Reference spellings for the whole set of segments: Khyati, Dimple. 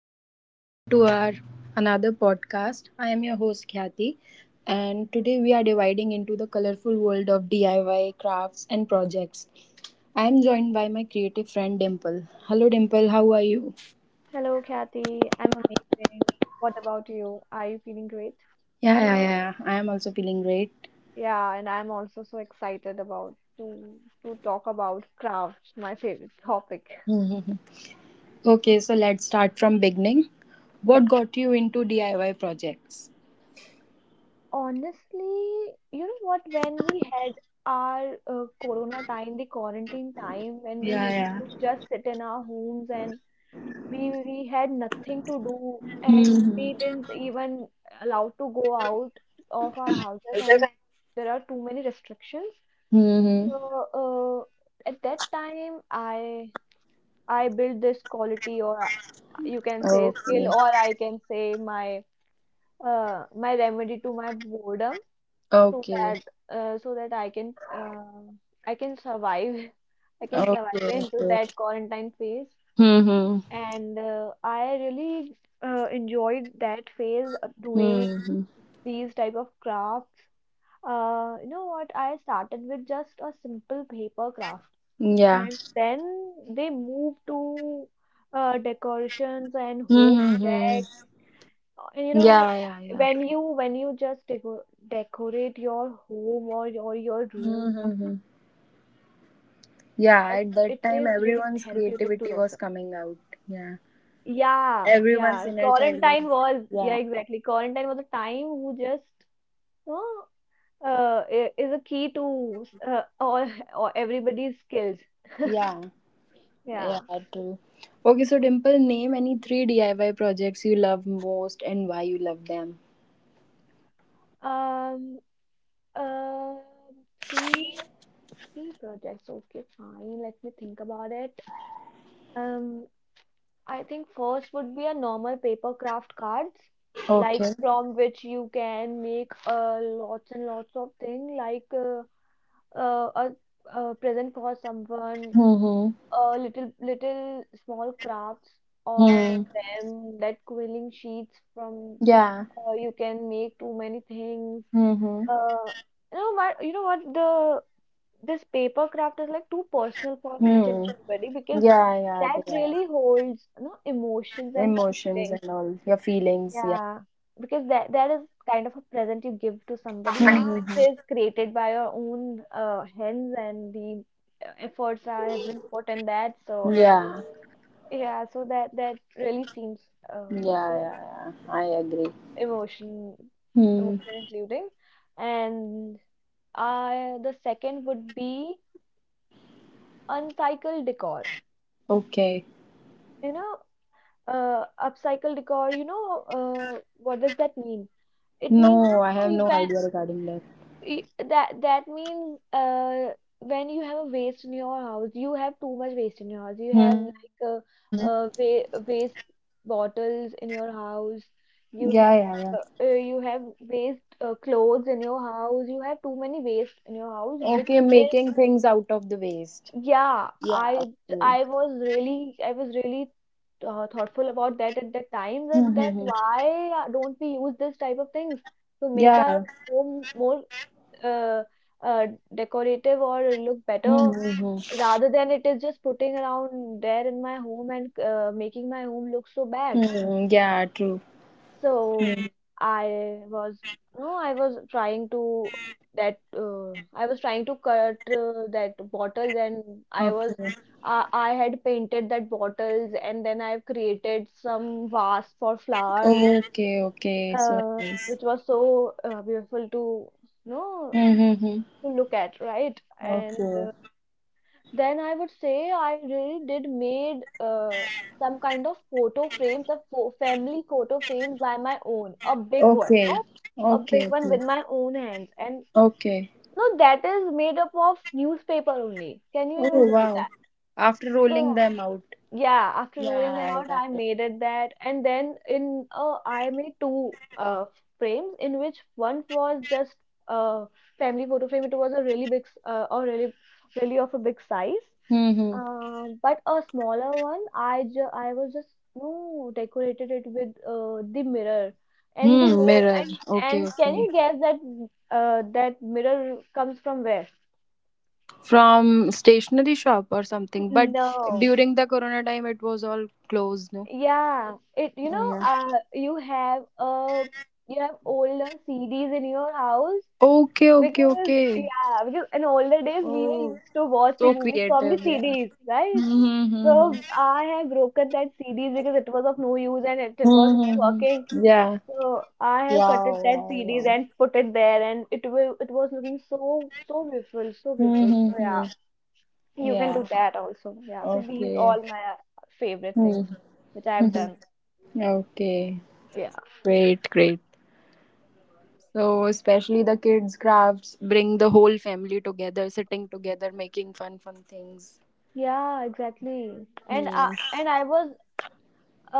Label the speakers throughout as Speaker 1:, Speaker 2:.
Speaker 1: Everyone, welcome to our another podcast. I am your host, Khyati, and today we are dividing into the colorful world of DIY, crafts, and projects. I am joined by my creative friend, Dimple. Hello, Dimple, how are you?
Speaker 2: Hello, Kathy. I'm amazing. What about you? Are you feeling great?
Speaker 1: Yeah, yeah, yeah. I am also feeling great.
Speaker 2: Yeah, and I'm also so excited about to talk about crafts, my favorite topic.
Speaker 1: Mhm. Okay, so let's start from beginning.
Speaker 2: Yeah,
Speaker 1: What got you into DIY projects?
Speaker 2: honestly, you know what? When we had our corona time, the quarantine time, when we
Speaker 1: Yeah,
Speaker 2: used
Speaker 1: yeah.
Speaker 2: to just sit in our homes and we we had nothing to do and
Speaker 1: Mm-hmm.
Speaker 2: we didn't even allowed to go out of our houses and there are too many restrictions so
Speaker 1: Mm-hmm.
Speaker 2: at that time I built this quality or you can say skill
Speaker 1: Okay.
Speaker 2: or I can say my my remedy to my boredom so
Speaker 1: Okay.
Speaker 2: that so that I can I can survive I can survive
Speaker 1: Okay.
Speaker 2: into
Speaker 1: Okay.
Speaker 2: that quarantine phase
Speaker 1: Hmm.
Speaker 2: and I really enjoyed that phase of doing
Speaker 1: Hmm. Hmm.
Speaker 2: these type of crafts. You know what? I started with just a simple paper craft,
Speaker 1: Yeah.
Speaker 2: and then they moved to decorations and home
Speaker 1: Hmm. Hmm.
Speaker 2: projects. And You know,
Speaker 1: Yeah. Yeah. Yeah.
Speaker 2: when you just decorate your home or your room
Speaker 1: Hmm.
Speaker 2: or
Speaker 1: Hmm, hmm.
Speaker 2: something like that, it is really
Speaker 1: Yeah. At that
Speaker 2: therapeutic to
Speaker 1: time,
Speaker 2: yourself.
Speaker 1: everyone's creativity was coming out. Yeah.
Speaker 2: Yeah, yeah.
Speaker 1: Everyone's inner child
Speaker 2: Quarantine
Speaker 1: was.
Speaker 2: was, yeah,
Speaker 1: Yeah.
Speaker 2: exactly. Quarantine was a time who just, you know, is a key to all everybody's skills.
Speaker 1: Yeah.
Speaker 2: Yeah.
Speaker 1: Yeah. True. Okay. So, Dimple, name any three DIY projects you love most and why you love them.
Speaker 2: Um. Uh. Three. Three projects. Okay, fine. Let me think about it. Um. I think first would be a normal paper craft cards, like
Speaker 1: Okay.
Speaker 2: from which you can make lots and lots of thing like. Uh, a, a present for someone,
Speaker 1: Hmm. Hmm.
Speaker 2: little small crafts or from
Speaker 1: Hmm.
Speaker 2: them, that quilling sheets from
Speaker 1: Yeah.
Speaker 2: you can make too many things.
Speaker 1: Hmm. Hmm.
Speaker 2: Uh, You know what? The This paper craft is like too personal for each and
Speaker 1: Hmm.
Speaker 2: everybody because
Speaker 1: Yeah. Yeah.
Speaker 2: that
Speaker 1: They are.
Speaker 2: really holds, you know, emotions and
Speaker 1: Emotions
Speaker 2: feelings.
Speaker 1: and all your feelings, yeah.
Speaker 2: Yeah, because that is kind of a present you give to somebody,
Speaker 1: Mm-hmm.
Speaker 2: which is created by your own hands, and the efforts are has been put in that. So
Speaker 1: Yeah,
Speaker 2: yeah, so that really seems
Speaker 1: yeah.
Speaker 2: so
Speaker 1: Yeah, yeah. I agree.
Speaker 2: emotion
Speaker 1: Hmm.
Speaker 2: emotion including, and the second would be uncycled decor.
Speaker 1: Okay.
Speaker 2: You know, upcycled decor. You know, what does that mean? It
Speaker 1: No,
Speaker 2: means no,
Speaker 1: I have
Speaker 2: you-
Speaker 1: no
Speaker 2: when
Speaker 1: idea regarding that.
Speaker 2: That means when you have a waste in your house, you have too much waste in your house, you have like
Speaker 1: Mm-hmm.
Speaker 2: waste bottles in your house, you
Speaker 1: Yeah, yeah,
Speaker 2: have
Speaker 1: yeah.
Speaker 2: you have waste clothes in your house, you have too many waste in your house
Speaker 1: Okay,
Speaker 2: which is,
Speaker 1: making things out of the waste.
Speaker 2: yeah.
Speaker 1: Yeah,
Speaker 2: i
Speaker 1: okay.
Speaker 2: i was really, I was really thoughtful about that at that time that
Speaker 1: Mm-hmm.
Speaker 2: why don't we use this type of things to make our
Speaker 1: Yeah.
Speaker 2: home more uh, uh, decorative or look better
Speaker 1: Mm-hmm.
Speaker 2: rather than it is just putting around there in my home and making my home look so bad.
Speaker 1: Hmm, yeah, true.
Speaker 2: So
Speaker 1: Hmm.
Speaker 2: I was, no, I was trying to that I was trying to cut that bottles, and I was
Speaker 1: Okay,
Speaker 2: I had painted that bottles, and then I've created some vase for flowers,
Speaker 1: okay. Okay, so nice.
Speaker 2: which was so beautiful to, you know,
Speaker 1: Mm-hmm.
Speaker 2: to look at, right? And
Speaker 1: Okay,
Speaker 2: then I would say I really did made some kind of photo frames, a fo family photo frame by my own, a big one,
Speaker 1: okay.
Speaker 2: no? A
Speaker 1: Okay.
Speaker 2: big one
Speaker 1: Okay.
Speaker 2: with my own hands. And
Speaker 1: Okay.
Speaker 2: no, that is made up of newspaper only. Can you even
Speaker 1: Oh
Speaker 2: believe
Speaker 1: wow.
Speaker 2: that?
Speaker 1: After
Speaker 2: So
Speaker 1: rolling them out.
Speaker 2: yeah, after
Speaker 1: Yeah,
Speaker 2: rolling them
Speaker 1: I
Speaker 2: out,
Speaker 1: got
Speaker 2: I
Speaker 1: it.
Speaker 2: made it that. And then in I made two uh, frames in which one was just a family photo frame. It was a really big, s- or really, really of a big size,
Speaker 1: Mm-hmm.
Speaker 2: but a smaller one, I was just, no, decorated it with the mirror, and the
Speaker 1: Hmm,
Speaker 2: mirror,
Speaker 1: mirror.
Speaker 2: and
Speaker 1: Okay,
Speaker 2: can
Speaker 1: okay.
Speaker 2: you guess that that mirror comes from where?
Speaker 1: From stationery shop or something. But
Speaker 2: No.
Speaker 1: during the corona time it was all closed, no?
Speaker 2: Yeah, it, you
Speaker 1: Oh
Speaker 2: know,
Speaker 1: yeah.
Speaker 2: you have older CDs in your house
Speaker 1: Okay, okay,
Speaker 2: because,
Speaker 1: okay.
Speaker 2: yeah, because in older days we were
Speaker 1: Oh.
Speaker 2: used to watch the
Speaker 1: So
Speaker 2: movies from the
Speaker 1: creative, yeah.
Speaker 2: CDs, right?
Speaker 1: Mm-hmm.
Speaker 2: So I have broken that CDs because it was of no use and it was
Speaker 1: Mm-hmm.
Speaker 2: not working.
Speaker 1: Mm-hmm. Yeah.
Speaker 2: So I have cutted
Speaker 1: Wow,
Speaker 2: that
Speaker 1: wow,
Speaker 2: CDs
Speaker 1: wow.
Speaker 2: and put it there, and it was looking so so beautiful, so beautiful. So yeah,
Speaker 1: Mm-hmm.
Speaker 2: you can do
Speaker 1: Yeah.
Speaker 2: that also. Yeah. So these
Speaker 1: Okay.
Speaker 2: all my favorite things
Speaker 1: Mm-hmm.
Speaker 2: which I have done.
Speaker 1: Okay.
Speaker 2: Yeah.
Speaker 1: Great, great. So, especially the kids' crafts bring the whole family together, sitting together, making fun, fun things.
Speaker 2: Yeah, exactly. And
Speaker 1: Hmm.
Speaker 2: I and I was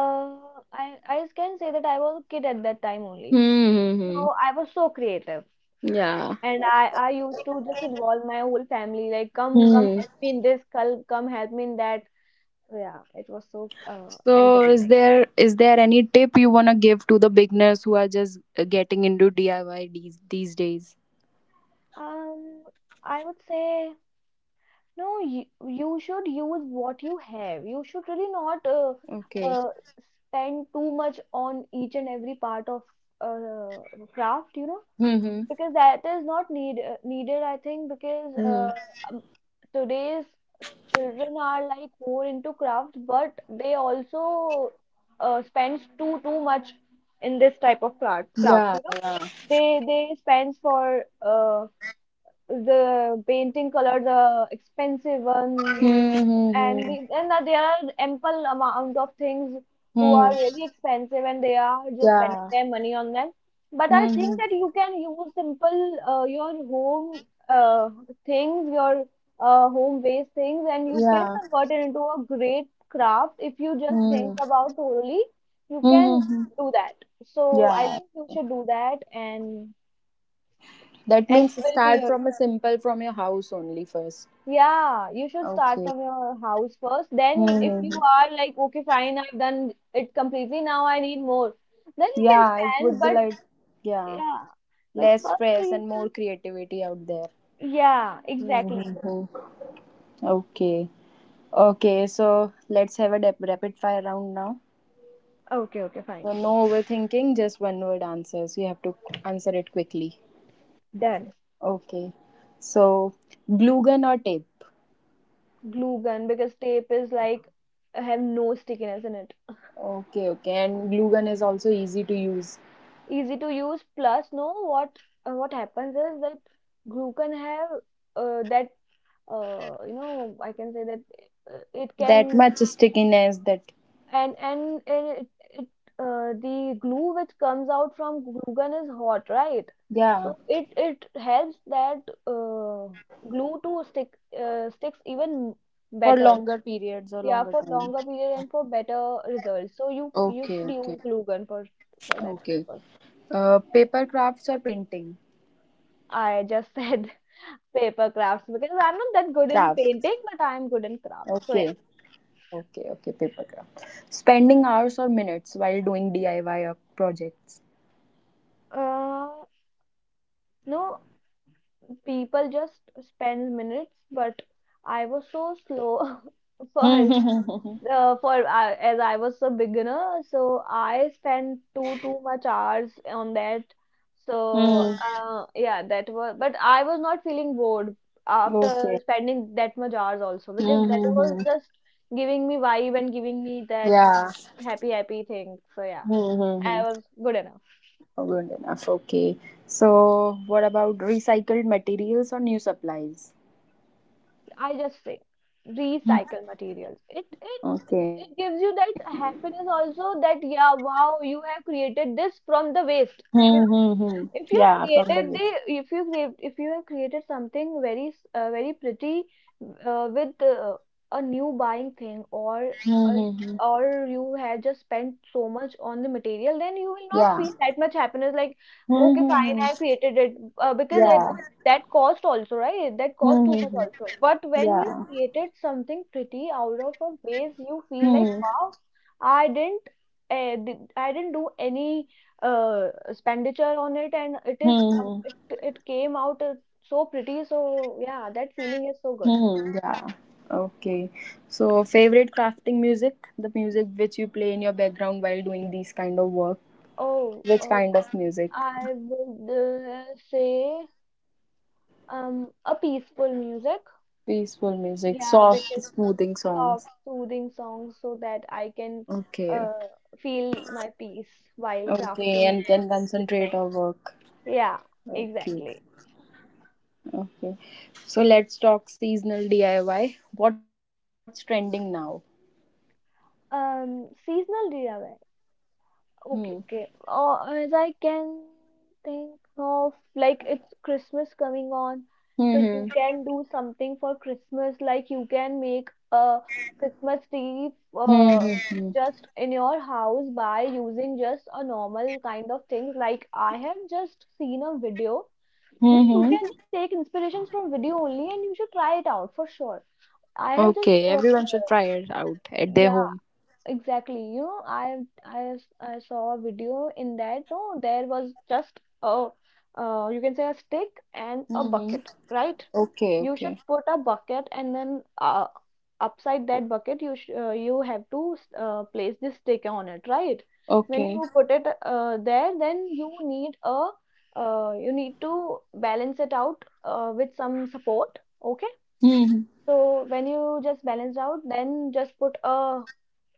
Speaker 2: I can say that I was a kid at that time
Speaker 1: Hmm.
Speaker 2: only.
Speaker 1: Hmm, hmm.
Speaker 2: So I was so creative.
Speaker 1: Yeah.
Speaker 2: And I used to just involve my whole family, like come
Speaker 1: Hmm.
Speaker 2: help me in this, come help me in that. Yeah, it was so
Speaker 1: So, is
Speaker 2: entertaining.
Speaker 1: there is there any tip you wanna give to the beginners who are just getting into DIY these days?
Speaker 2: Um, I would say, no, you should use what you have. You should really not
Speaker 1: Okay.
Speaker 2: uh, spend too much on each and every part of uh, craft, you know,
Speaker 1: Hmm. Hmm.
Speaker 2: because that is not needed, I think, because
Speaker 1: Hmm.
Speaker 2: um, today's children are like more into craft, but they also spends too much in this type of crafts,
Speaker 1: Yeah.
Speaker 2: you know.
Speaker 1: Yeah.
Speaker 2: They spends for the painting colors are expensive one
Speaker 1: Hmm.
Speaker 2: and
Speaker 1: Hmm.
Speaker 2: that there are ample amount of things
Speaker 1: Hmm.
Speaker 2: who
Speaker 1: Hmm.
Speaker 2: are really expensive and they are just spending
Speaker 1: Yeah.
Speaker 2: their money on them. But I
Speaker 1: Hmm.
Speaker 2: think
Speaker 1: Hmm.
Speaker 2: that you can use simple your home things, your home based things, and you can
Speaker 1: Yeah.
Speaker 2: convert it into a great craft. If you just
Speaker 1: Hmm.
Speaker 2: think about thoroughly, you
Speaker 1: Hmm. Hmm,
Speaker 2: can
Speaker 1: hmm.
Speaker 2: do that. So I
Speaker 1: Yeah.
Speaker 2: think you should do that,
Speaker 1: That
Speaker 2: and it
Speaker 1: means
Speaker 2: will be
Speaker 1: start
Speaker 2: good.
Speaker 1: from a simple from your house only first.
Speaker 2: Yeah, you should start
Speaker 1: Okay.
Speaker 2: from your house first. Then, if you
Speaker 1: Mm-hmm.
Speaker 2: are like, okay, fine, I've done it completely, now I need more, then you can
Speaker 1: Yeah, it
Speaker 2: spend.
Speaker 1: would be
Speaker 2: But
Speaker 1: like, yeah,
Speaker 2: yeah, but
Speaker 1: less stress
Speaker 2: firstly,
Speaker 1: and more creativity out there.
Speaker 2: yeah, exactly.
Speaker 1: Hmm. Okay. Okay, so let's have a rapid fire round now.
Speaker 2: Okay, okay, fine.
Speaker 1: So, no overthinking, just one word answers. You have to answer it quickly.
Speaker 2: Done.
Speaker 1: Okay. So, glue gun or tape?
Speaker 2: Glue gun, because tape is like have no stickiness in it.
Speaker 1: Okay, okay. And glue gun is also easy to use.
Speaker 2: Easy to use. Plus, no, what happens is that glue gun have that you know, I can say that it
Speaker 1: That
Speaker 2: can.
Speaker 1: much stickiness that,
Speaker 2: And it, it the glue which comes out from glue gun is hot, right?
Speaker 1: yeah.
Speaker 2: So it helps that uh, glue to sticks even
Speaker 1: For
Speaker 2: better. No?
Speaker 1: longer periods or
Speaker 2: Yeah,
Speaker 1: longer
Speaker 2: for
Speaker 1: time.
Speaker 2: longer period and for better results. So you
Speaker 1: Okay,
Speaker 2: should
Speaker 1: okay,
Speaker 2: use glue gun for that
Speaker 1: okay.
Speaker 2: purpose.
Speaker 1: Paper crafts or painting?
Speaker 2: I just said paper crafts because I'm not
Speaker 1: Crafts.
Speaker 2: that good in painting, but I'm good in
Speaker 1: Okay,
Speaker 2: crafts. So yeah.
Speaker 1: okay, okay. Paper craft. Spending hours or minutes while doing DIY or projects?
Speaker 2: Uh, no, people just spend minutes, but I was so slow for for as I was a beginner, so I spent too much hours on that. So
Speaker 1: Hmm.
Speaker 2: yeah, that was, but I was not feeling bored after
Speaker 1: Okay.
Speaker 2: spending that much hours also, because that was
Speaker 1: Hmm.
Speaker 2: just giving me vibe and giving me that
Speaker 1: Yeah.
Speaker 2: happy thing. So yeah,
Speaker 1: Mm-hmm.
Speaker 2: I was good enough.
Speaker 1: Oh, good enough. Okay. So, what about recycled materials or new supplies?
Speaker 2: I just say
Speaker 1: Hmm.
Speaker 2: recycle materials.
Speaker 1: Okay.
Speaker 2: It gives you that happiness also that, yeah, wow, you have created this from the waste.
Speaker 1: Hmm.
Speaker 2: if you
Speaker 1: Yeah, from the
Speaker 2: created
Speaker 1: waste.
Speaker 2: the if you create, if you have created something very pretty with a new buying thing, or a,
Speaker 1: Hmm.
Speaker 2: or you have just spent so much on the material, then you will not
Speaker 1: Yeah.
Speaker 2: feel that much happiness. Like,
Speaker 1: Hmm.
Speaker 2: okay,
Speaker 1: Hmm, hmm.
Speaker 2: fine, I created it, because it,
Speaker 1: Yeah.
Speaker 2: that cost also, right, that cost
Speaker 1: Hmm.
Speaker 2: too
Speaker 1: Hmm,
Speaker 2: much
Speaker 1: hmm.
Speaker 2: also. But when you
Speaker 1: Yeah.
Speaker 2: created something pretty out of a base, you feel like,
Speaker 1: Hmm.
Speaker 2: wow, I didn't I didn't do any expenditure on it, and it is
Speaker 1: Hmm.
Speaker 2: it it came out so pretty. So yeah, that feeling is so
Speaker 1: Hmm.
Speaker 2: good.
Speaker 1: Yeah. Okay. So, favorite crafting music? The music which you play in your background while doing these kind of work.
Speaker 2: Oh,
Speaker 1: Which
Speaker 2: oh,
Speaker 1: kind of music?
Speaker 2: I would uh, say a peaceful music.
Speaker 1: Peaceful music,
Speaker 2: Yeah,
Speaker 1: soft,
Speaker 2: because
Speaker 1: smoothing songs.
Speaker 2: soft, soothing songs so that I can
Speaker 1: Okay.
Speaker 2: uh, feel my peace while
Speaker 1: Okay,
Speaker 2: crafting
Speaker 1: and can
Speaker 2: and
Speaker 1: concentrate
Speaker 2: listening.
Speaker 1: our work.
Speaker 2: Yeah,
Speaker 1: Okay.
Speaker 2: exactly.
Speaker 1: Okay. So let's talk seasonal DIY. What's trending now?
Speaker 2: Seasonal DIY.
Speaker 1: Hmm.
Speaker 2: Okay, okay. As I can think of, like it's Christmas coming on, so
Speaker 1: Hmm.
Speaker 2: you can do something for Christmas. Like, you can make a Christmas tree uh,
Speaker 1: Mm-hmm.
Speaker 2: just in your house by using just a normal kind of things. Like, I have just seen a video. No, you can
Speaker 1: Mm-hmm.
Speaker 2: just take inspirations from video only, and you should try it out for sure.
Speaker 1: Okay,
Speaker 2: I have just
Speaker 1: everyone should try it out at their home.
Speaker 2: yeah. Exactly, you know, I saw a video in that. No, there was just a, you can say, a stick and a
Speaker 1: Mm-hmm.
Speaker 2: bucket, right?
Speaker 1: Okay,
Speaker 2: You
Speaker 1: okay,
Speaker 2: should put a bucket and then upside that bucket you have to place this stick on it, right? When
Speaker 1: okay.
Speaker 2: you put it there, then you need a you need to balance it out with some support, okay?
Speaker 1: Mm-hmm.
Speaker 2: So when you just balance out, then just put a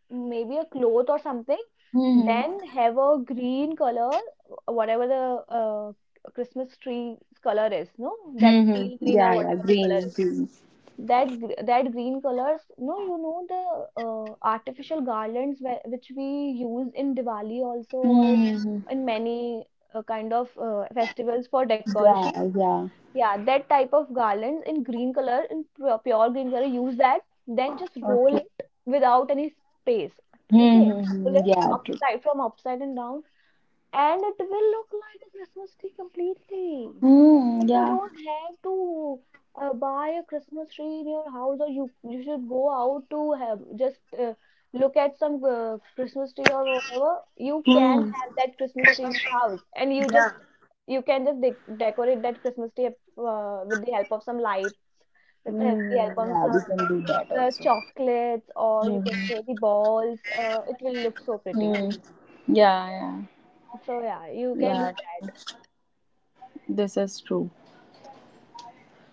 Speaker 2: maybe a cloth or something
Speaker 1: Mm-hmm.
Speaker 2: then have a green color whatever the uh, christmas tree color is no that teal
Speaker 1: Mm-hmm.
Speaker 2: green
Speaker 1: Yeah,
Speaker 2: or
Speaker 1: yeah,
Speaker 2: whatever the color
Speaker 1: green,
Speaker 2: is
Speaker 1: green.
Speaker 2: that that green colors no the artificial garlands where, which we use in diwali also or
Speaker 1: Mm-hmm.
Speaker 2: in many kind of festivals for decoration
Speaker 1: Yeah, yeah.
Speaker 2: yeah, that type of garlands in green color, in pure green color, use that, then just roll
Speaker 1: Okay.
Speaker 2: it without any space. Okay, roll
Speaker 1: Mm-hmm.
Speaker 2: it
Speaker 1: Yeah, true.
Speaker 2: upside from upside and down, and it will look like a Christmas tree completely.
Speaker 1: Mm,
Speaker 2: And you
Speaker 1: yeah.
Speaker 2: don't have to buy a Christmas tree in your house, or you should go out to have just look at some Christmas tree or whatever. You can
Speaker 1: Mm.
Speaker 2: have that Christmas tree in your house, and you can just decorate that Christmas tree with the help of some lights, with
Speaker 1: Mm,
Speaker 2: the
Speaker 1: yeah,
Speaker 2: help
Speaker 1: we
Speaker 2: of
Speaker 1: can
Speaker 2: some
Speaker 1: do that also.
Speaker 2: chocolates, or you
Speaker 1: Mm-hmm.
Speaker 2: can say the balls. It will look so
Speaker 1: Mm.
Speaker 2: pretty.
Speaker 1: Yeah, yeah,
Speaker 2: So yeah, you can
Speaker 1: yeah.
Speaker 2: do
Speaker 1: This is true.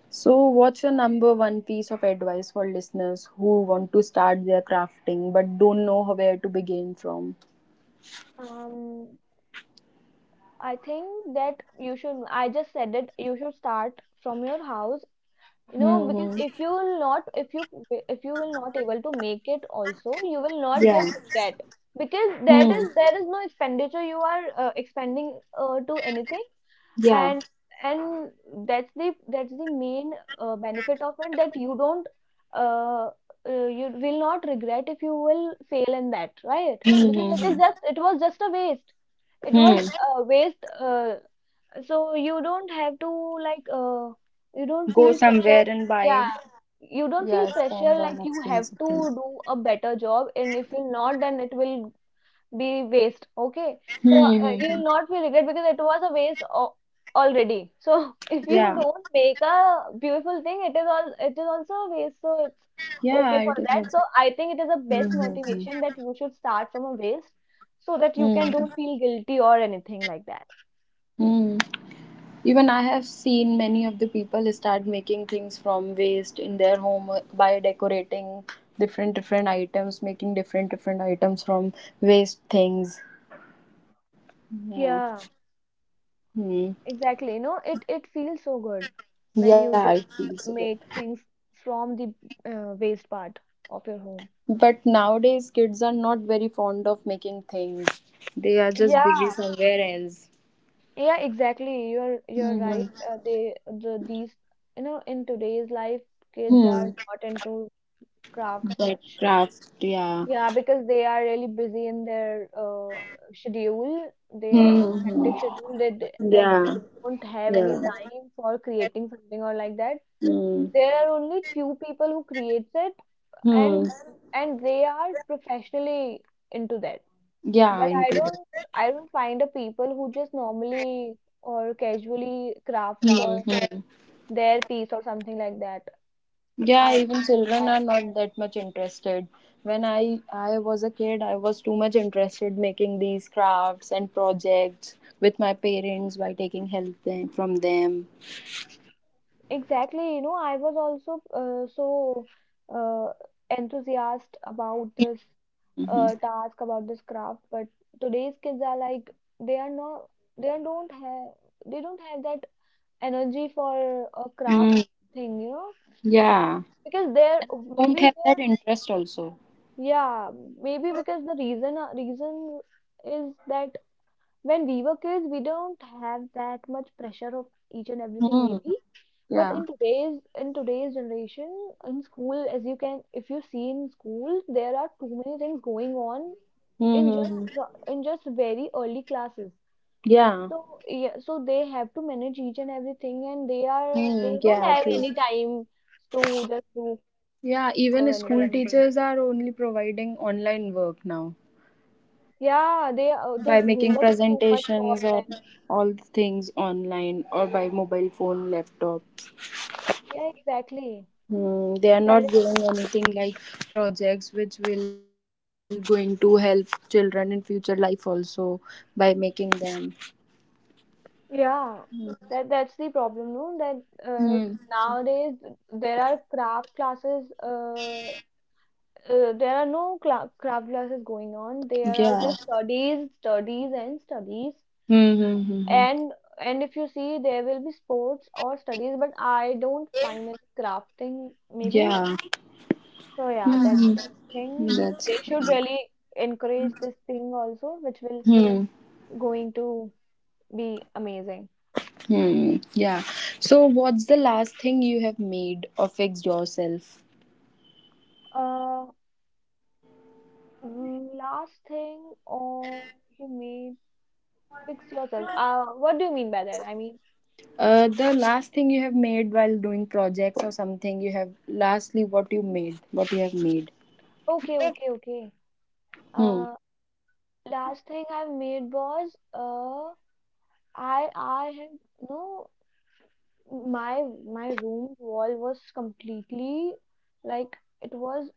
Speaker 1: So, what's your number one piece of advice for listeners who want to start their crafting but don't know where to begin from?
Speaker 2: that. I think that you should, I just said it, you should start from your house, you know,
Speaker 1: Hmm.
Speaker 2: because if you will not able to make it also, you will not
Speaker 1: Yeah.
Speaker 2: get regret because
Speaker 1: Hmm.
Speaker 2: there is no expenditure you are expending to anything
Speaker 1: Yeah.
Speaker 2: and, and that's the main benefit of it that uh, you will not regret if you will fail in that, right?
Speaker 1: Hmm.
Speaker 2: Because
Speaker 1: Hmm.
Speaker 2: it is
Speaker 1: Hmm.
Speaker 2: just, it was just a waste it
Speaker 1: Hmm.
Speaker 2: was a waste so you don't have to like you don't
Speaker 1: Go
Speaker 2: feel pressure.
Speaker 1: somewhere and buy.
Speaker 2: Yeah, you don't
Speaker 1: Yeah.
Speaker 2: feel
Speaker 1: Spend on
Speaker 2: pressure like you
Speaker 1: expensive
Speaker 2: have to
Speaker 1: things.
Speaker 2: do a better job, and if you're not, then it will be waste. Okay, so
Speaker 1: Hmm. Hmm. Hmm.
Speaker 2: you'll not feel regret because it was a waste already. So if you
Speaker 1: Yeah.
Speaker 2: don't make a beautiful thing, it is also a waste. So it's
Speaker 1: Yeah.
Speaker 2: okay for
Speaker 1: It is
Speaker 2: that. So
Speaker 1: also.
Speaker 2: I think it is the best
Speaker 1: Hmm. Hmm.
Speaker 2: motivation that you should start from a waste so that you
Speaker 1: Hmm.
Speaker 2: can
Speaker 1: Hmm.
Speaker 2: don't feel guilty or anything like that.
Speaker 1: Hmm. Even I have seen many of the people start making things from waste in their home by decorating different different items, making different different items from waste things. Yeah.
Speaker 2: Yeah.
Speaker 1: Hmm.
Speaker 2: Exactly. No, it feels so good when
Speaker 1: Yeah,
Speaker 2: you
Speaker 1: it
Speaker 2: just
Speaker 1: feels good.
Speaker 2: make things from the waste part of your home.
Speaker 1: But nowadays kids are not very fond of making things. They are just busy
Speaker 2: Yeah.
Speaker 1: somewhere else.
Speaker 2: Yeah, exactly. You're right.
Speaker 1: Mm-hmm.
Speaker 2: The these you know in today's life kids are
Speaker 1: Hmm.
Speaker 2: not into crafts
Speaker 1: That
Speaker 2: much.
Speaker 1: craft, yeah.
Speaker 2: Yeah, because they are really busy in their schedule. They have a hectic
Speaker 1: Mm-hmm.
Speaker 2: schedule that
Speaker 1: Yeah.
Speaker 2: they don't have any
Speaker 1: Yeah.
Speaker 2: time for creating something or like that.
Speaker 1: Hmm.
Speaker 2: There are only few people who creates it
Speaker 1: Hmm.
Speaker 2: and and they are professionally into that
Speaker 1: Yeah,
Speaker 2: but
Speaker 1: into that.
Speaker 2: I don't find a people who just normally or casually craft for
Speaker 1: Hmm.
Speaker 2: their piece or something like that
Speaker 1: Yeah,
Speaker 2: i,
Speaker 1: even children
Speaker 2: I
Speaker 1: are not that much interested. When I was a kid, I was too much interested making these crafts and projects with my parents by taking help them, from them.
Speaker 2: exactly you know I was also so uh, enthusiastic about this
Speaker 1: Hmm.
Speaker 2: task about this craft but today's kids are like they are not they don't have they don't have that energy for a
Speaker 1: Mm,
Speaker 2: craft thing you know And
Speaker 1: yeah.
Speaker 2: because there
Speaker 1: And they don't
Speaker 2: maybe
Speaker 1: have
Speaker 2: there
Speaker 1: that interest also.
Speaker 2: yeah maybe because the reason reason is that when we were kids we don't have that much pressure of each and everything
Speaker 1: Hmm.
Speaker 2: maybe but
Speaker 1: Yeah.
Speaker 2: in today's generation in school as you can if you see in school there are too many things going on
Speaker 1: Mm-hmm.
Speaker 2: in just very early classes
Speaker 1: Yeah.
Speaker 2: so yeah so they have to manage each and everything and they
Speaker 1: Mm,
Speaker 2: don't
Speaker 1: yeah,
Speaker 2: have
Speaker 1: true.
Speaker 2: any time to just do craft or
Speaker 1: Yeah,
Speaker 2: anything.
Speaker 1: even
Speaker 2: So,
Speaker 1: school teachers are only providing online work now.
Speaker 2: yeah, they the
Speaker 1: By
Speaker 2: homework is
Speaker 1: making
Speaker 2: too much for
Speaker 1: presentations or
Speaker 2: them.
Speaker 1: all the things online or by mobile phone laptop.
Speaker 2: Yeah, exactly.
Speaker 1: Hmm, they are
Speaker 2: That
Speaker 1: not
Speaker 2: is the
Speaker 1: giving anything like projects which will going to help children in future life also by making them.
Speaker 2: pro- yeah. That that's the problem, no? That
Speaker 1: Hmm.
Speaker 2: nowadays there are craft classes. There are no cla craft classes going on. There are
Speaker 1: Yeah.
Speaker 2: just studies, studies, and studies.
Speaker 1: Hmm, hmm, hmm, hmm.
Speaker 2: And and if you see, there will be sports or studies, but I don't find any crafting. Maybe
Speaker 1: Yeah.
Speaker 2: so yeah, that's
Speaker 1: Hmm.
Speaker 2: the
Speaker 1: Hmm.
Speaker 2: thing.
Speaker 1: That's
Speaker 2: They
Speaker 1: right.
Speaker 2: should really encourage this thing also, which will
Speaker 1: Hmm.
Speaker 2: going to be amazing.
Speaker 1: Hmm. Yeah. So what's the last thing you have made or fixed yourself?
Speaker 2: Uh, last thing, or you mean fix yourself. What do you mean by that? I mean,
Speaker 1: The last thing you have made while doing projects or something you have lastly what you made what you have made.
Speaker 2: okay, okay, okay.
Speaker 1: Hmm.
Speaker 2: Uh, last thing I made was I have no my room wall was completely like it was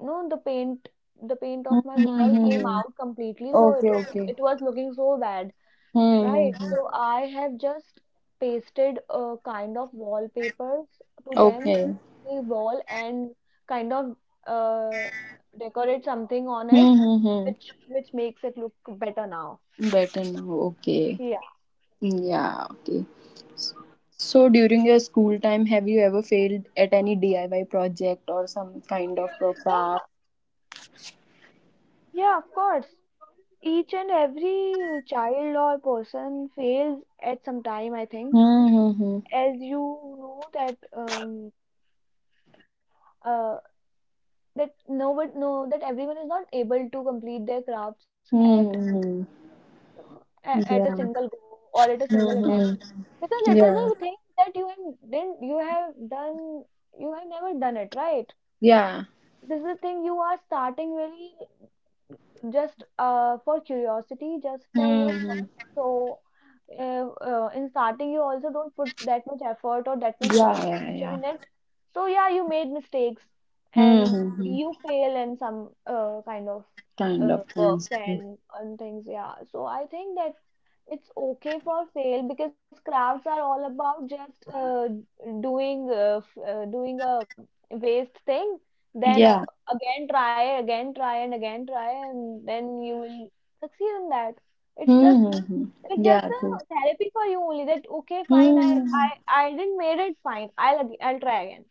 Speaker 2: no, the paint
Speaker 1: Hmm,
Speaker 2: of my
Speaker 1: hmm,
Speaker 2: wall
Speaker 1: hmm,
Speaker 2: came
Speaker 1: hmm.
Speaker 2: out completely, so
Speaker 1: Okay, okay.
Speaker 2: it was looking so bad,
Speaker 1: Hmm, hmm,
Speaker 2: right?
Speaker 1: hmm.
Speaker 2: So I have just pasted a kind of wallpapers to them,
Speaker 1: Okay.
Speaker 2: the wall, and kind of decorate something on it,
Speaker 1: Hmm, hmm, hmm.
Speaker 2: which makes it look better now.
Speaker 1: Better now, okay.
Speaker 2: Yeah.
Speaker 1: Yeah, okay. So during your school time have you ever failed at any DIY project or some kind of
Speaker 2: Yeah,
Speaker 1: craft?
Speaker 2: yeah, of course. Each and every child or person fails at some time, I think.
Speaker 1: Hmm. Hmm,
Speaker 2: As you know that uh, that no one no that everyone is not able to complete their crafts
Speaker 1: hmm.
Speaker 2: at
Speaker 1: Hmm, hmm, hmm.
Speaker 2: at a
Speaker 1: Yeah.
Speaker 2: single go or at a single
Speaker 1: Hmm.
Speaker 2: attempt
Speaker 1: Hmm.
Speaker 2: because it is a
Speaker 1: Yeah.
Speaker 2: thing that you have then you have never done it right
Speaker 1: Yeah.
Speaker 2: this is the thing you are starting very just for curiosity, just for
Speaker 1: Hmm.
Speaker 2: your fun.
Speaker 1: Hmm.
Speaker 2: So, in starting, you also don't put that much effort or that much
Speaker 1: Yeah, yeah,
Speaker 2: concentration
Speaker 1: yeah.
Speaker 2: in it. So, yeah, you made mistakes and
Speaker 1: Mm-hmm.
Speaker 2: you fail in some kind of
Speaker 1: Kind of
Speaker 2: works
Speaker 1: things.
Speaker 2: and things. Yeah. So, I think that it's okay for sale because crafts are all about just doing doing a waste thing then
Speaker 1: Yeah.
Speaker 2: again try and then you will succeed in that it's just
Speaker 1: Mm-hmm.
Speaker 2: it's just
Speaker 1: Yeah,
Speaker 2: a
Speaker 1: true.
Speaker 2: therapy for you only that okay fine
Speaker 1: Mm-hmm.
Speaker 2: I didn't made it fine I'll try again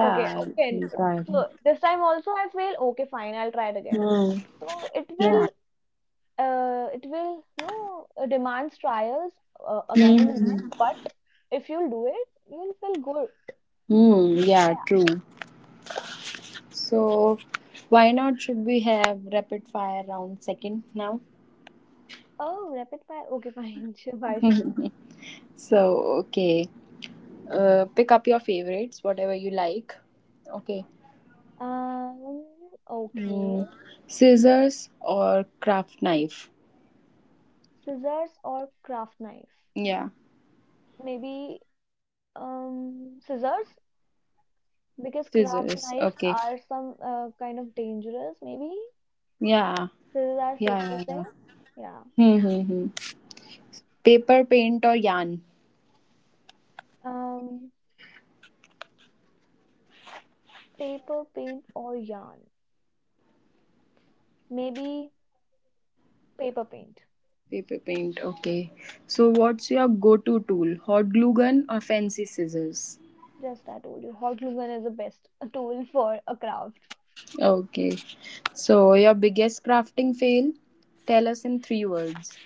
Speaker 2: okay okay
Speaker 1: you right.
Speaker 2: so this time also I fail okay fine I'll try it again
Speaker 1: Mm.
Speaker 2: so
Speaker 1: Yeah.
Speaker 2: it will you know demands trials again and again
Speaker 1: Mm-hmm.
Speaker 2: but if you'll do it you'll feel good
Speaker 1: Mm, yeah,
Speaker 2: yeah.
Speaker 1: true. So, why not should we have rapid fire round second now?
Speaker 2: Oh rapid fire okay fine sure, why should not
Speaker 1: So, okay. Pick up your favorites, whatever you like. Okay.
Speaker 2: um okay
Speaker 1: Mm. Scissors or craft knife?
Speaker 2: scissors or craft knife
Speaker 1: Yeah,
Speaker 2: maybe scissors
Speaker 1: scissors.
Speaker 2: because
Speaker 1: Okay.
Speaker 2: craft knives are some kind of dangerous maybe
Speaker 1: Yeah,
Speaker 2: scissors are
Speaker 1: yeah, yeah,
Speaker 2: safest
Speaker 1: yeah.
Speaker 2: thing yeah
Speaker 1: Hmm, hmm, hmm. Paper paint or yarn?
Speaker 2: um paper paint or yarn maybe paper paint.
Speaker 1: Paper paint, okay. So, what's your go to tool? Hot glue gun or fancy scissors?
Speaker 2: Just I told you, hot glue gun is the best tool for a craft.
Speaker 1: Okay. So, your biggest crafting fail? Tell us in three words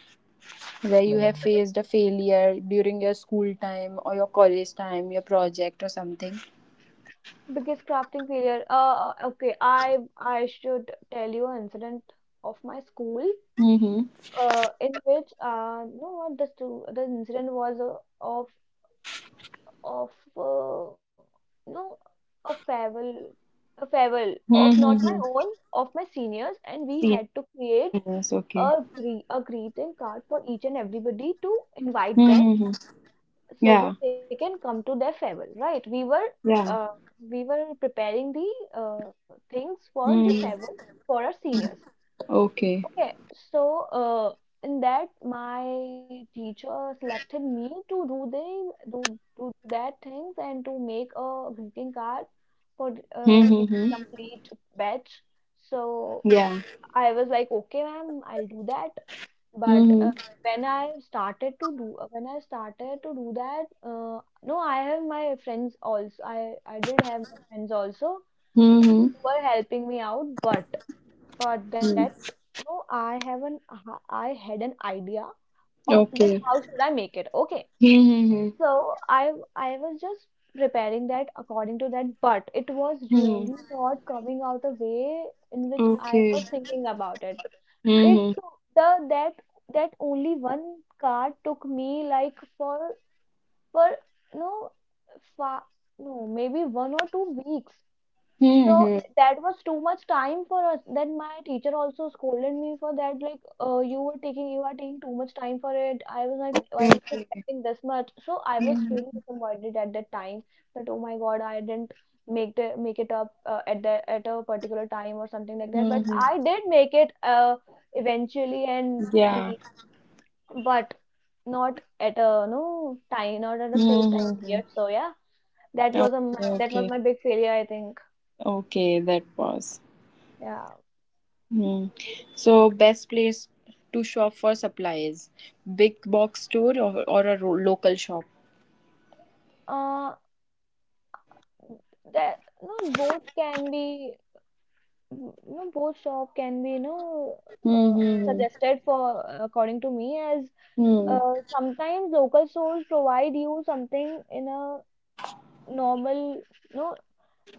Speaker 1: where
Speaker 2: But
Speaker 1: you
Speaker 2: yeah,
Speaker 1: have faced a failure during your school time or your college time, your project or something.
Speaker 2: biggest crafting failure. Okay, I should tell you an incident of my school.
Speaker 1: Mm-hmm.
Speaker 2: In which no, what this too, the incident was of of uh, no, a farewell, a farewell of not my
Speaker 1: Mm-hmm.
Speaker 2: own, of my seniors, and we had to
Speaker 1: Seniors, okay.
Speaker 2: create a greeting card for each and everybody to invite
Speaker 1: Mm-hmm.
Speaker 2: them
Speaker 1: Yeah,
Speaker 2: so that they can come to their farewell, right
Speaker 1: yeah.
Speaker 2: uh, we were preparing the things for the
Speaker 1: Mm.
Speaker 2: farewell for our seniors
Speaker 1: Okay.
Speaker 2: okay so in that my teacher selected me to do do that things and to make a greeting card for
Speaker 1: Mhm,
Speaker 2: the
Speaker 1: mhm.
Speaker 2: complete batch so
Speaker 1: Yeah.
Speaker 2: I was like okay ma'am I'll do that but
Speaker 1: Mhm.
Speaker 2: when I started to do when I started to do that, no, I did have my friends also
Speaker 1: Mhm.
Speaker 2: who were helping me out. But that
Speaker 1: Mm.
Speaker 2: no, I had an idea of that
Speaker 1: Okay.
Speaker 2: how should I make it? Okay, so I was just preparing that according to that, but it was really not coming out a way in which I was thinking about it. It took the that that only one car took me like for no fa no maybe 1 or 2 weeks so that was too much time for us. Then my teacher also scolded me for that, like, you are taking too much time for it. I was like, I was not expecting this much. So I was really disappointed at that time that, oh my God, I didn't make it up at the at a particular time or something like that. But I did make it eventually, and the but not at a safe time period. So yeah, that was my big failure, I think. Yeah. Uh, that no both can be no both shop can be you know uh, suggested for according to me as sometimes local stores provide you something in a normal no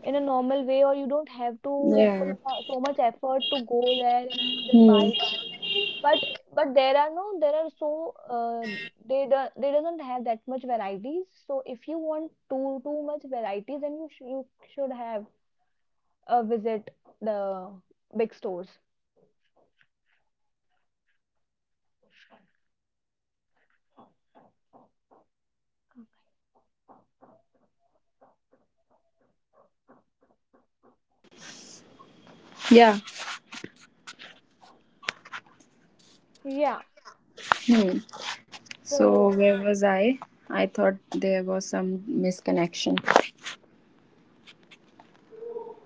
Speaker 2: normal way or you don't have to put so much effort to go there and just buy it but but there are no there are so uh, they doesn't have that much varieties so if you want too much varieties then you should have visit the big stores.
Speaker 1: Yeah.
Speaker 2: Yeah.
Speaker 1: Hmm. So
Speaker 2: So
Speaker 1: where was I? I thought there was some misconnection.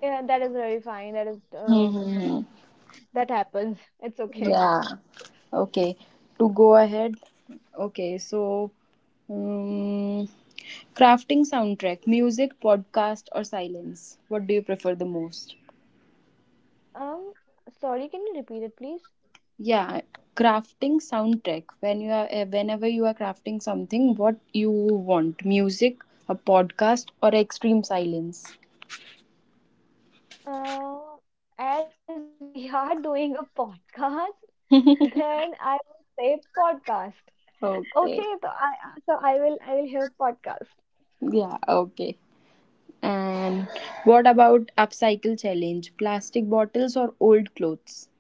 Speaker 2: yeah, that is very fine. That is
Speaker 1: Hmm, hmm, hmm.
Speaker 2: that happens. It's okay.
Speaker 1: Yeah. Okay. To go ahead. Okay. So, um, crafting soundtrack, music, podcast, or silence. What do you prefer the most?
Speaker 2: Um, sorry, can you repeat it, please?
Speaker 1: Yeah, crafting soundtrack. When you are, whenever you are crafting something, what you want? Music, a podcast, or extreme silence.
Speaker 2: Uh, as we are doing a podcast, then I would say podcast.
Speaker 1: Okay.
Speaker 2: Okay, so I will I will hear podcast.
Speaker 1: Yeah. Okay. And what about upcycle challenge? Plastic bottles or old clothes?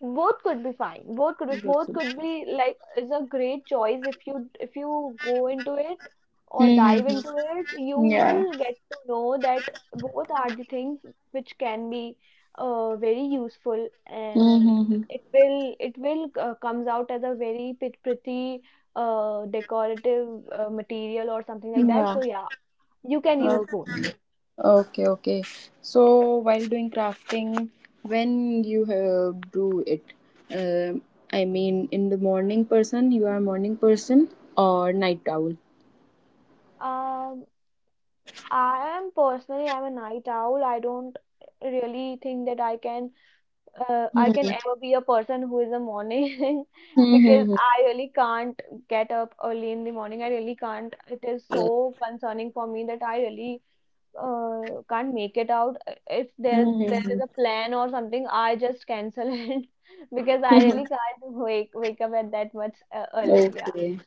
Speaker 2: Both could be fine. Both could be both
Speaker 1: Mm-hmm.
Speaker 2: could be like is a great choice if you go into it or dive into it, you
Speaker 1: Yeah.
Speaker 2: will get to know that both are the things which can be very useful, and
Speaker 1: Mm-hmm.
Speaker 2: it will comes out as a very pretty decorative material or something like
Speaker 1: Yeah.
Speaker 2: that. So yeah, you can use both.
Speaker 1: Okay. Okay, okay. So while doing crafting, when you do it, um I mean, in the morning person, you are morning person or night owl.
Speaker 2: Um, I am personally I'm a night owl. I don't really think that I can ever be a person who is a morning because
Speaker 1: Mm-hmm.
Speaker 2: I really can't get up early in the morning. I really can't. It is so concerning for me that I really can't make it out. If there is a plan or something, I just cancel it because I really can't wake up at that much early. Yeah.
Speaker 1: Okay.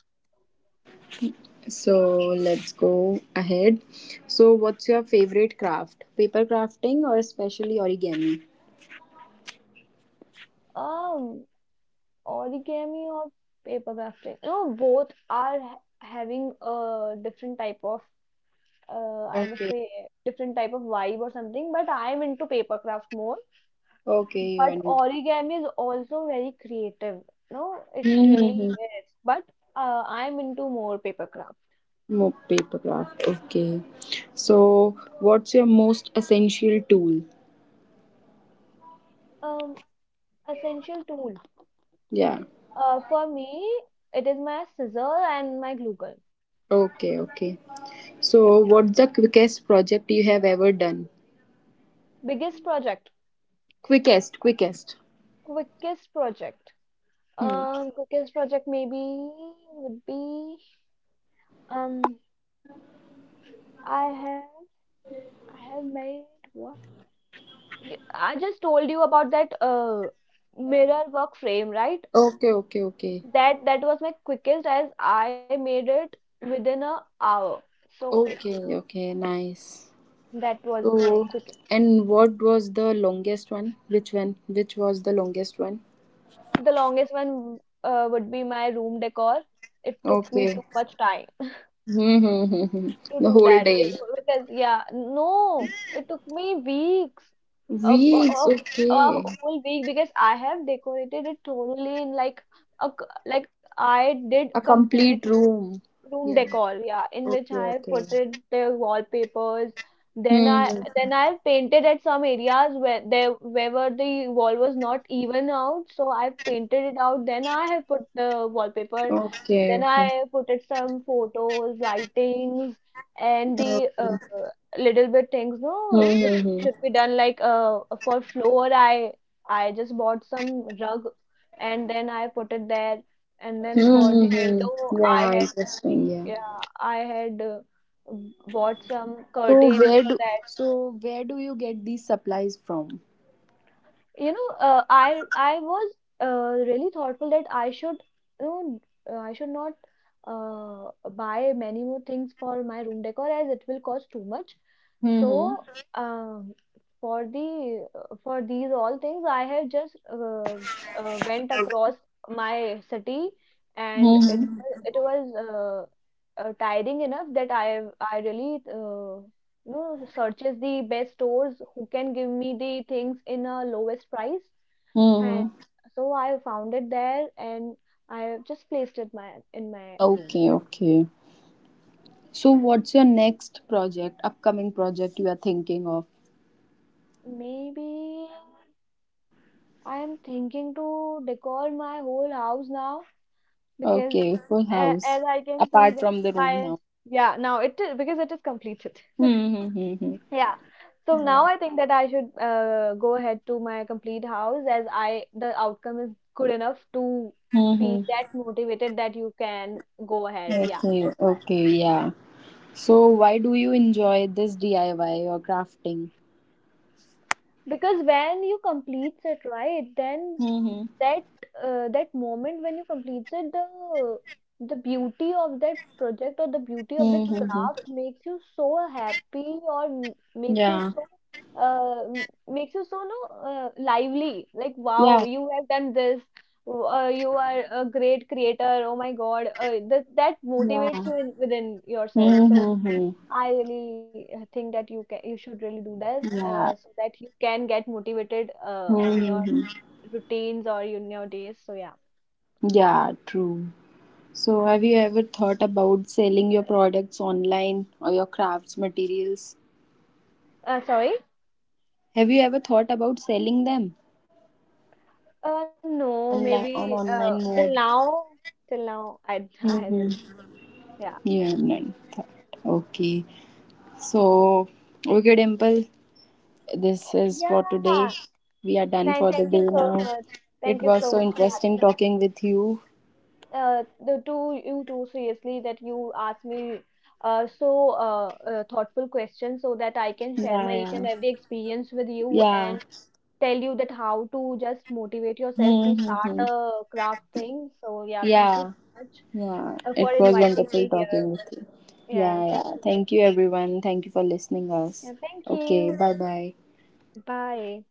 Speaker 1: So let's go ahead. So, what's your favorite craft? Paper crafting or especially origami?
Speaker 2: Um, origami or paper crafting. You know, both are ha having a different type of I must
Speaker 1: Okay.
Speaker 2: say different type of vibe or something. But I am into paper craft more.
Speaker 1: Okay, you
Speaker 2: But
Speaker 1: and
Speaker 2: origami is also very creative. No, it really
Speaker 1: Mhm.
Speaker 2: is. But I am into more paper craft.
Speaker 1: More paper craft. Okay. So, what's your most essential tool?
Speaker 2: Um, essential tool.
Speaker 1: Yeah.
Speaker 2: For me, it is my scissor and my glue gun.
Speaker 1: Okay, okay.
Speaker 2: Yeah.
Speaker 1: So, what's the quickest project you have ever done?
Speaker 2: Biggest project.
Speaker 1: Quickest, quickest.
Speaker 2: Quickest project.
Speaker 1: Hmm.
Speaker 2: Quickest project maybe would be um I have I have made what? I just told you about that mirror work frame, right?
Speaker 1: Okay, okay, okay.
Speaker 2: That was my quickest as I made it within a hour. So yeah,
Speaker 1: Okay, okay, nice.
Speaker 2: that was my
Speaker 1: So,
Speaker 2: quickest.
Speaker 1: and what was the longest one? Which one? Which was the longest one?
Speaker 2: The longest one would be my room decor. It took me
Speaker 1: Okay.
Speaker 2: too much time
Speaker 1: Hmm, hmm, hmm, hmm.
Speaker 2: to
Speaker 1: The
Speaker 2: do
Speaker 1: whole
Speaker 2: that. It
Speaker 1: day.
Speaker 2: because yeah, no, it took me weeks, a, a,
Speaker 1: Weeks.
Speaker 2: a, a
Speaker 1: Okay.
Speaker 2: whole week because I have decorated it totally in like like I did
Speaker 1: A
Speaker 2: complete
Speaker 1: complete room.
Speaker 2: room
Speaker 1: Yeah.
Speaker 2: decor, yeah, in which
Speaker 1: Okay.
Speaker 2: I have
Speaker 1: Okay.
Speaker 2: put it the wallpapers. Then I
Speaker 1: Mm-hmm.
Speaker 2: then I have painted at some areas where there wherever the wall was not even out, so I've painted it out. Then I have put the wallpaper.
Speaker 1: Okay.
Speaker 2: Then
Speaker 1: Okay.
Speaker 2: I put it some photos, lightings, and the little bit things,
Speaker 1: Hmm,
Speaker 2: no, which
Speaker 1: hmm, hmm,
Speaker 2: should be done like for floor. I just bought some rug, and then I put it there. And then
Speaker 1: hmm,
Speaker 2: for
Speaker 1: hmm,
Speaker 2: the window,
Speaker 1: hmm.
Speaker 2: I
Speaker 1: Yeah.
Speaker 2: had
Speaker 1: Interesting. Yeah.
Speaker 2: yeah, I had bought some
Speaker 1: So
Speaker 2: curtain
Speaker 1: where
Speaker 2: for
Speaker 1: do
Speaker 2: that.
Speaker 1: so where do you get these supplies from?
Speaker 2: You know, I was really thoughtful that I should, you know, I should not buy many more things for my room decor as it will cost too much.
Speaker 1: Mm-hmm.
Speaker 2: So, um, for the for these all things, I have just went across my city, and it
Speaker 1: Mm-hmm.
Speaker 2: was it was uh, uh, tiring enough that I really no searches the best stores who can give me the things in a lowest price, and
Speaker 1: Mm-hmm.
Speaker 2: so I found it there, and I just placed it my in my room.
Speaker 1: Okay. Okay. So, what's your next project, upcoming project you are thinking of?
Speaker 2: Maybe I am thinking to decor my whole house now, because
Speaker 1: Okay, Full House.
Speaker 2: as I can see
Speaker 1: Apart
Speaker 2: that
Speaker 1: from the
Speaker 2: my,
Speaker 1: room now.
Speaker 2: yeah, now it is, because it is completed.
Speaker 1: Mm-hmm.
Speaker 2: Yeah. So now I think that I should go ahead to my complete house as I the outcome is good enough to be
Speaker 1: Mm-hmm.
Speaker 2: that motivated that you can go ahead. Yeah,
Speaker 1: Okay,
Speaker 2: that's
Speaker 1: okay, yeah. So, why do you enjoy this DIY or crafting?
Speaker 2: because when you completes it, right, then
Speaker 1: Mm-hmm.
Speaker 2: that that moment when you completes it, the beauty of that project or the beauty of that
Speaker 1: Mm-hmm.
Speaker 2: craft makes you so happy or makes you
Speaker 1: Yeah,
Speaker 2: so makes you so no lively, like wow,
Speaker 1: yeah,
Speaker 2: you have done this, you are a great creator, oh my god, that motivates
Speaker 1: yeah.
Speaker 2: you in, within yourself, so
Speaker 1: Mm-hmm.
Speaker 2: I really think that you can, you should really do this
Speaker 1: Yeah.
Speaker 2: so that you can get motivated in your
Speaker 1: Mm-hmm.
Speaker 2: routines or in your days. So yeah.
Speaker 1: Yeah, true. So, have you ever thought about selling your products online or your crafts materials?
Speaker 2: Sorry.
Speaker 1: Have you ever thought about selling them
Speaker 2: No,
Speaker 1: online on
Speaker 2: maybe
Speaker 1: online mode?
Speaker 2: till now, I, I really,
Speaker 1: Mm-hmm.
Speaker 2: yeah.
Speaker 1: You have not thought. Okay. So, okay, Dimple, this is for today.
Speaker 2: Yeah.
Speaker 1: We are done for the
Speaker 2: Thank you
Speaker 1: day
Speaker 2: so
Speaker 1: now.
Speaker 2: much.
Speaker 1: It
Speaker 2: Thank you
Speaker 1: was
Speaker 2: so
Speaker 1: so
Speaker 2: much,
Speaker 1: interesting
Speaker 2: Kathy.
Speaker 1: talking with you.
Speaker 2: The two, you too, seriously, that you asked me thoughtful questions so that I can share
Speaker 1: Yeah,
Speaker 2: my each and
Speaker 1: yeah,
Speaker 2: every experience with you
Speaker 1: yeah.
Speaker 2: and tell you that how to just motivate yourself to start
Speaker 1: Mm-hmm.
Speaker 2: a craft thing. So yeah, thank you
Speaker 1: Yeah,
Speaker 2: so much
Speaker 1: yeah.
Speaker 2: for
Speaker 1: It was
Speaker 2: inviting
Speaker 1: wonderful
Speaker 2: me here.
Speaker 1: talking with you.
Speaker 2: Yeah,
Speaker 1: Yeah,
Speaker 2: thank
Speaker 1: yeah.
Speaker 2: you.
Speaker 1: Thank you, everyone. Thank you for listening us.
Speaker 2: Yeah, thank
Speaker 1: Okay,
Speaker 2: you.
Speaker 1: bye bye.
Speaker 2: Bye.